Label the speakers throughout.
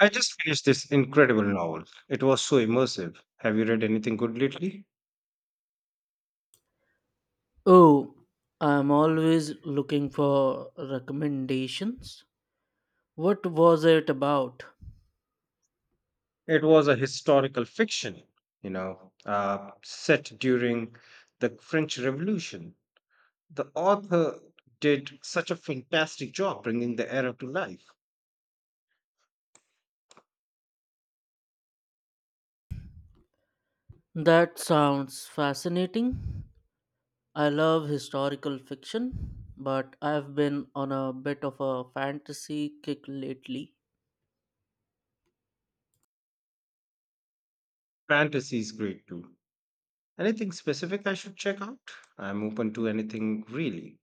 Speaker 1: I just finished this incredible novel. It was so immersive. Have you read anything good lately?
Speaker 2: Oh, I'm always looking for recommendations. What was it about?
Speaker 1: It was a historical fiction, set during the French Revolution. The author did such a fantastic job bringing the era to life.
Speaker 2: That sounds fascinating. I love historical fiction, but I've been on a bit of a fantasy kick lately.
Speaker 1: Fantasy is great too. Anything specific I should check out? I'm open to anything really.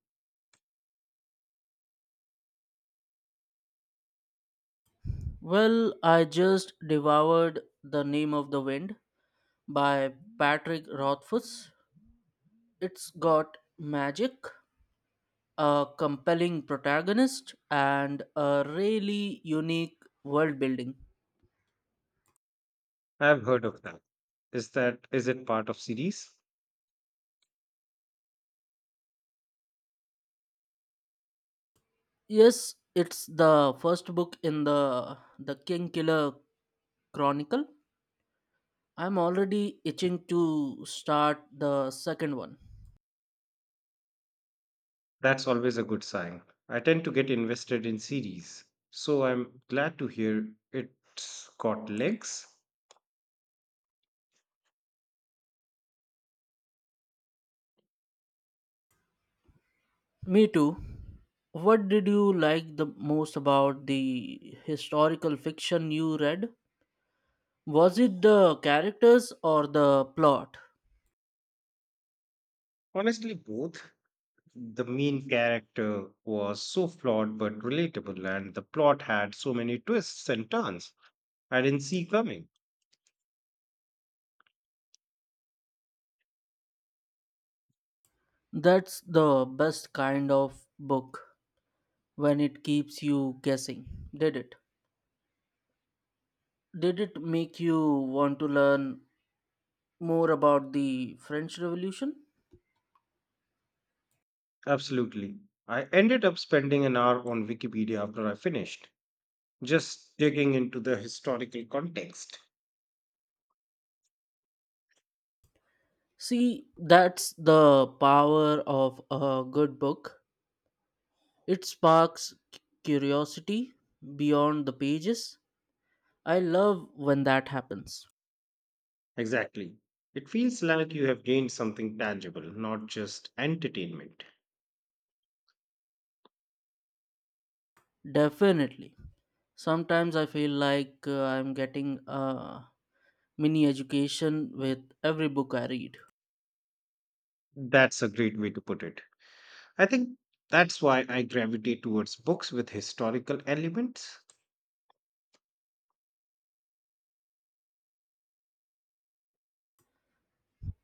Speaker 2: Well, I just devoured The Name of the Wind by Patrick Rothfuss. It's got magic, a compelling protagonist, and a really unique world building.
Speaker 1: I've heard of that. Is it part of series?
Speaker 2: Yes, it's the first book in the King Killer Chronicle. I'm already itching to start the second one.
Speaker 1: That's always a good sign. I tend to get invested in series, so I'm glad to hear it's got legs.
Speaker 2: Me too. What did you like the most about the historical fiction you read? Was it the characters or the plot?
Speaker 1: Honestly, both. The main character was so flawed but relatable, and the plot had so many twists and turns I didn't see coming.
Speaker 2: That's the best kind of book when it keeps you guessing. Did it? Did it make you want to learn more about the French Revolution?
Speaker 1: Absolutely. I ended up spending an hour on Wikipedia after I finished, just digging into the historical context.
Speaker 2: See, that's the power of a good book. It sparks curiosity beyond the pages. I love when that happens.
Speaker 1: Exactly. It feels like you have gained something tangible, not just entertainment.
Speaker 2: Definitely. Sometimes I feel like I'm getting a mini education with every book I read.
Speaker 1: That's a great way to put it. I think that's why I gravitate towards books with historical elements.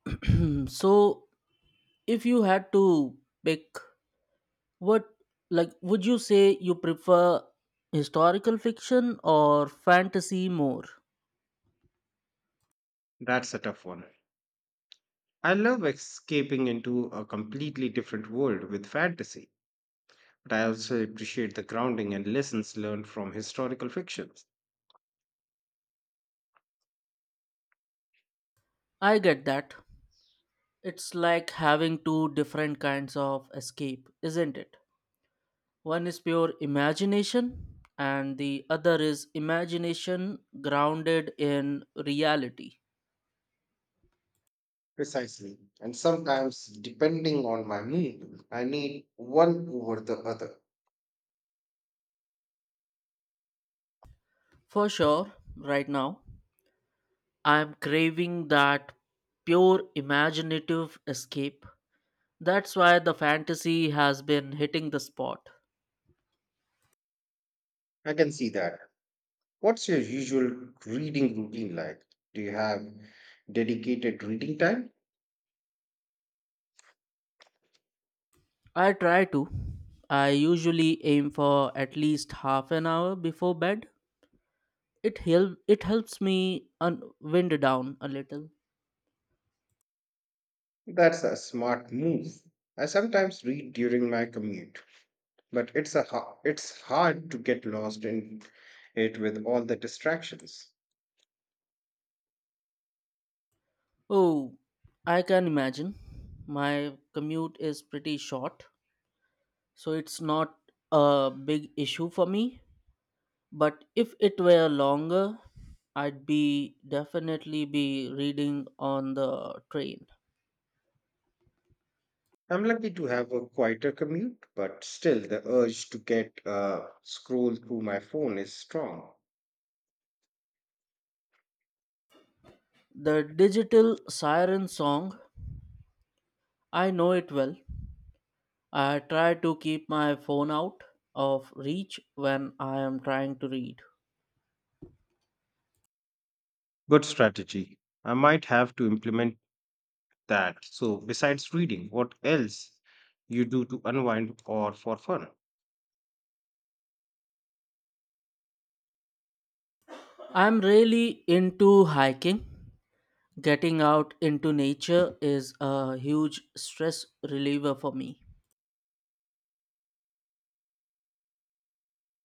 Speaker 2: So, if you had to pick, what, like, would you say you prefer historical fiction or fantasy more?
Speaker 1: That's a tough one. I love escaping into a completely different world with fantasy, but I also appreciate the grounding and lessons learned from historical fictions.
Speaker 2: I get that. It's like having two different kinds of escape, isn't it? One is pure imagination, and the other is imagination grounded in reality.
Speaker 1: Precisely. And sometimes, depending on my mood, I need one over the other.
Speaker 2: For sure, right now, I'm craving that pure imaginative escape. That's why the fantasy has been hitting the spot.
Speaker 1: I can see that. What's your usual reading routine like? Do you have dedicated reading time?
Speaker 2: I try to. I usually aim for at least half an hour before bed. It helps me un- wind down a little.
Speaker 1: That's a smart move. I sometimes read during my commute, but it's hard to get lost in it with all the distractions.
Speaker 2: Oh, I can imagine. My commute is pretty short, so it's not a big issue for me. But if it were longer, I'd be definitely be reading on the train.
Speaker 1: I'm lucky to have a quieter commute, but still the urge to get scroll through my phone is strong.
Speaker 2: The digital siren song, I know it well. I try to keep my phone out of reach when I am trying to read.
Speaker 1: Good strategy. I might have to implement that. So, besides reading, what else you do to unwind or for fun?
Speaker 2: I'm really into hiking. Getting out into nature is a huge stress reliever for me.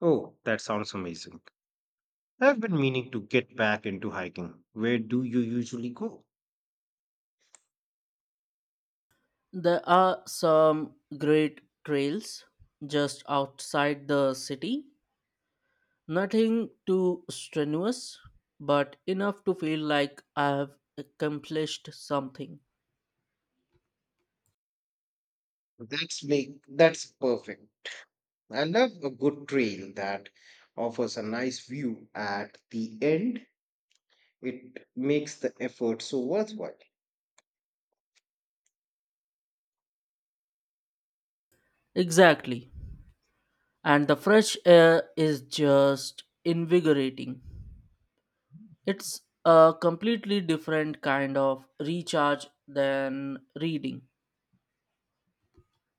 Speaker 1: Oh, that sounds amazing. I've been meaning to get back into hiking. Where do you usually go?
Speaker 2: There are some great trails just outside the city. Nothing too strenuous, but enough to feel like I have accomplished something.
Speaker 1: That's perfect. I love a good trail that offers a nice view at the end. It makes the effort so worthwhile.
Speaker 2: Exactly. And the fresh air is just invigorating. It's a completely different kind of recharge than reading.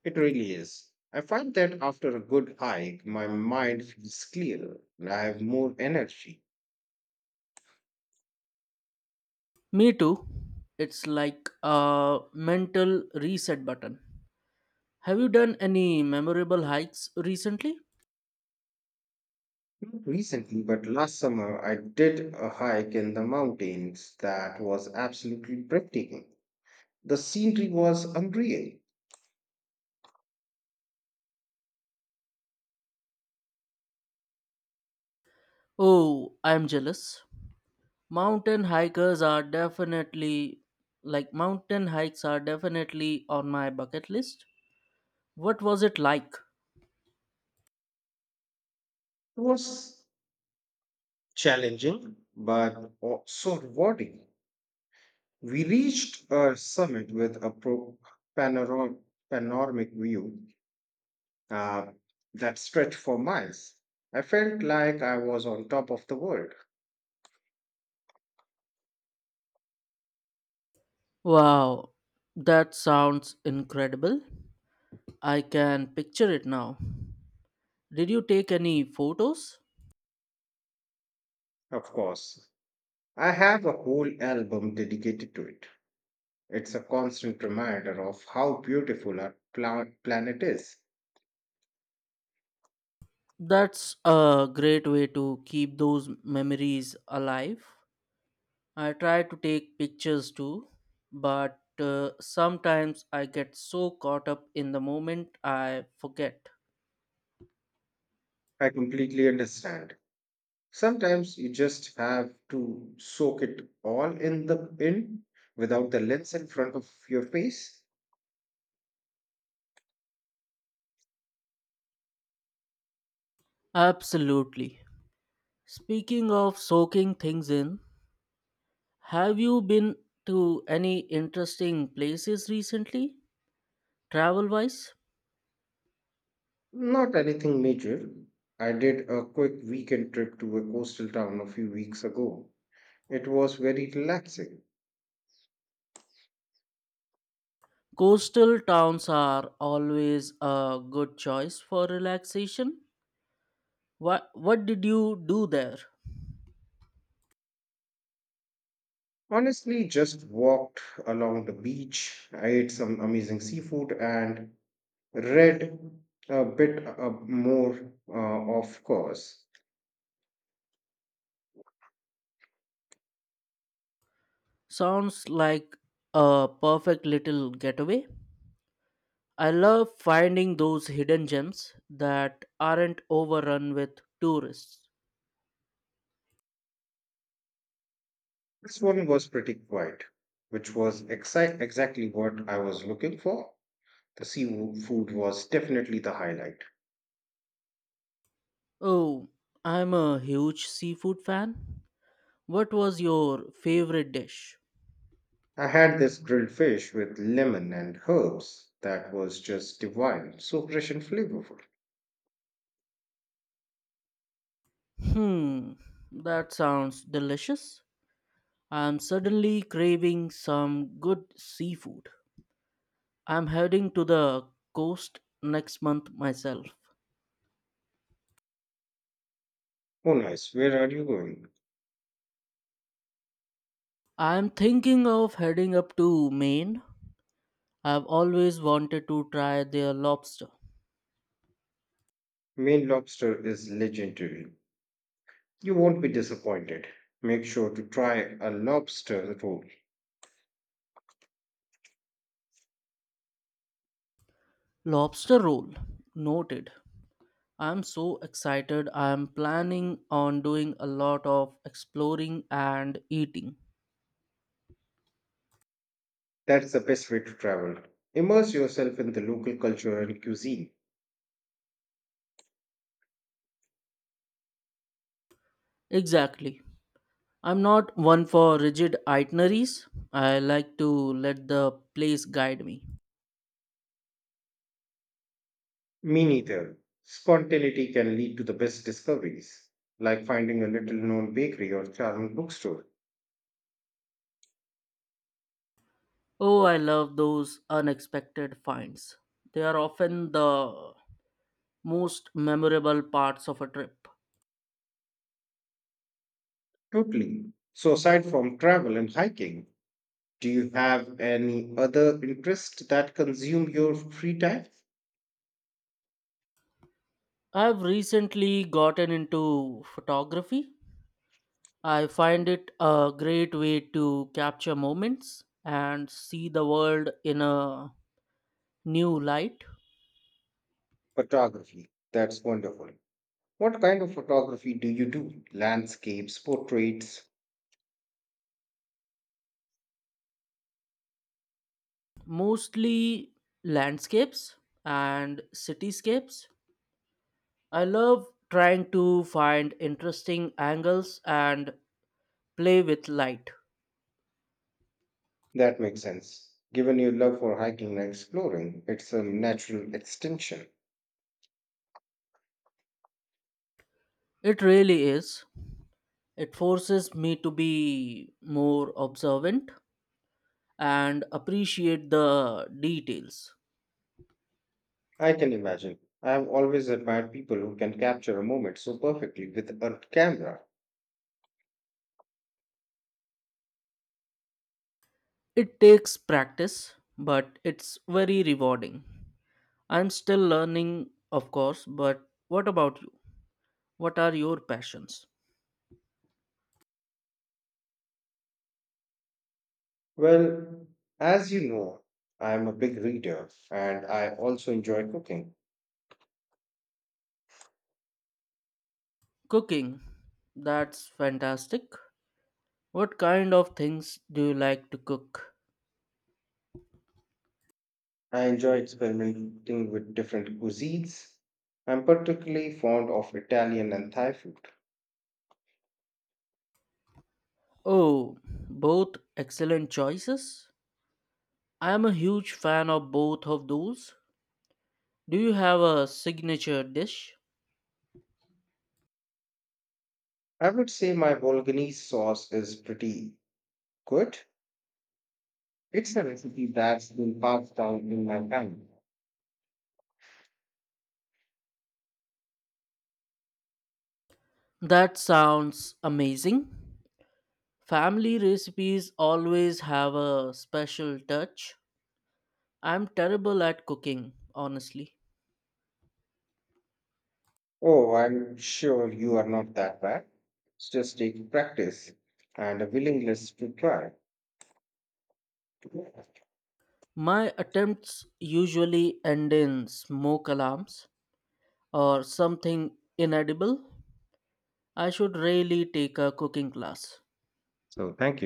Speaker 1: It really is. I find that after a good hike, my mind feels clearer and I have more energy.
Speaker 2: Me too. It's like a mental reset button. Have you done any memorable hikes recently?
Speaker 1: Not recently, but last summer, I did a hike in the mountains that was absolutely breathtaking. The scenery was unreal.
Speaker 2: Oh, I'm jealous. Mountain hikers are definitely Mountain hikes are definitely on my bucket list. What was it like?
Speaker 1: It was challenging, but also rewarding. We reached a summit with a panoro- panoramic view uh, that stretched for miles. I felt like I was on top of the world.
Speaker 2: Wow, that sounds incredible. I can picture it now. Did you take any photos?
Speaker 1: Of course, I have a whole album dedicated to it. It's a constant reminder of how beautiful our planet is.
Speaker 2: That's a great way to keep those memories alive. I try to take pictures too, but sometimes I get so caught up in the moment I forget.
Speaker 1: I completely understand. Sometimes you just have to soak it all in without the lens in front of your face.
Speaker 2: Absolutely. Speaking of soaking things in, have you been to any interesting places recently, travel wise?
Speaker 1: Not anything major. I did a quick weekend trip to a coastal town a few weeks ago. It was very relaxing.
Speaker 2: Coastal towns are always a good choice for relaxation. What did you do there?
Speaker 1: Honestly, just walked along the beach, I ate some amazing seafood, and read a bit more, of course.
Speaker 2: Sounds like a perfect little getaway. I love finding those hidden gems that aren't overrun with tourists.
Speaker 1: This one was pretty quiet, which was exactly what I was looking for. The seafood was definitely the highlight.
Speaker 2: Oh, I'm a huge seafood fan. What was your favorite dish?
Speaker 1: I had this grilled fish with lemon and herbs that was just divine, so fresh and flavorful.
Speaker 2: Hmm, that sounds delicious. I'm suddenly craving some good seafood. I'm heading to the coast next month myself.
Speaker 1: Oh, nice. Where are you going?
Speaker 2: I'm thinking of heading up to Maine. I've always wanted to try their lobster.
Speaker 1: Maine lobster is legendary. You won't be disappointed. Make sure to try a lobster roll.
Speaker 2: Lobster roll. Noted. I'm so excited. I'm planning on doing a lot of exploring and eating.
Speaker 1: That's the best way to travel. Immerse yourself in the local culture and cuisine.
Speaker 2: Exactly. I'm not one for rigid itineraries. I like to let the place guide me.
Speaker 1: Me neither. Spontaneity can lead to the best discoveries, like finding a little known bakery or charming bookstore.
Speaker 2: Oh, I love those unexpected finds. They are often the most memorable parts of a trip.
Speaker 1: Totally. So, aside from travel and hiking, do you have any other interest that consume your free time?
Speaker 2: I've recently gotten into photography. I find it a great way to capture moments and see the world in a new light,
Speaker 1: Photography. That's wonderful. What kind of photography do you do? Landscapes, portraits?
Speaker 2: mostly landscapes and cityscapes. I love trying to find interesting angles and play with light.
Speaker 1: That makes sense. Given your love for hiking and exploring, it's a natural extension.
Speaker 2: It really is. It forces me to be more observant and appreciate the details.
Speaker 1: I can imagine. I have always admired people who can capture a moment so perfectly with a camera.
Speaker 2: It takes practice, but it's very rewarding. I'm still learning, of course, but what about you? What are your passions?
Speaker 1: Well, as you know, I am a big reader and I also enjoy cooking.
Speaker 2: Cooking. That's fantastic. What kind of things do you like to cook?
Speaker 1: I enjoy experimenting with different cuisines. I'm particularly fond of Italian and Thai food.
Speaker 2: Oh, both excellent choices. I am a huge fan of both of those. Do you have a signature dish?
Speaker 1: I would say my Bolognese sauce is pretty good. It's a recipe that's been passed down in my family.
Speaker 2: That sounds amazing. Family recipes always have a special touch. I'm terrible at cooking, honestly.
Speaker 1: Oh, I'm sure you are not that bad. It's just take practice and a willingness to try.
Speaker 2: My attempts usually end in smoke alarms or something inedible. I should really take a cooking class.
Speaker 1: So, thank you.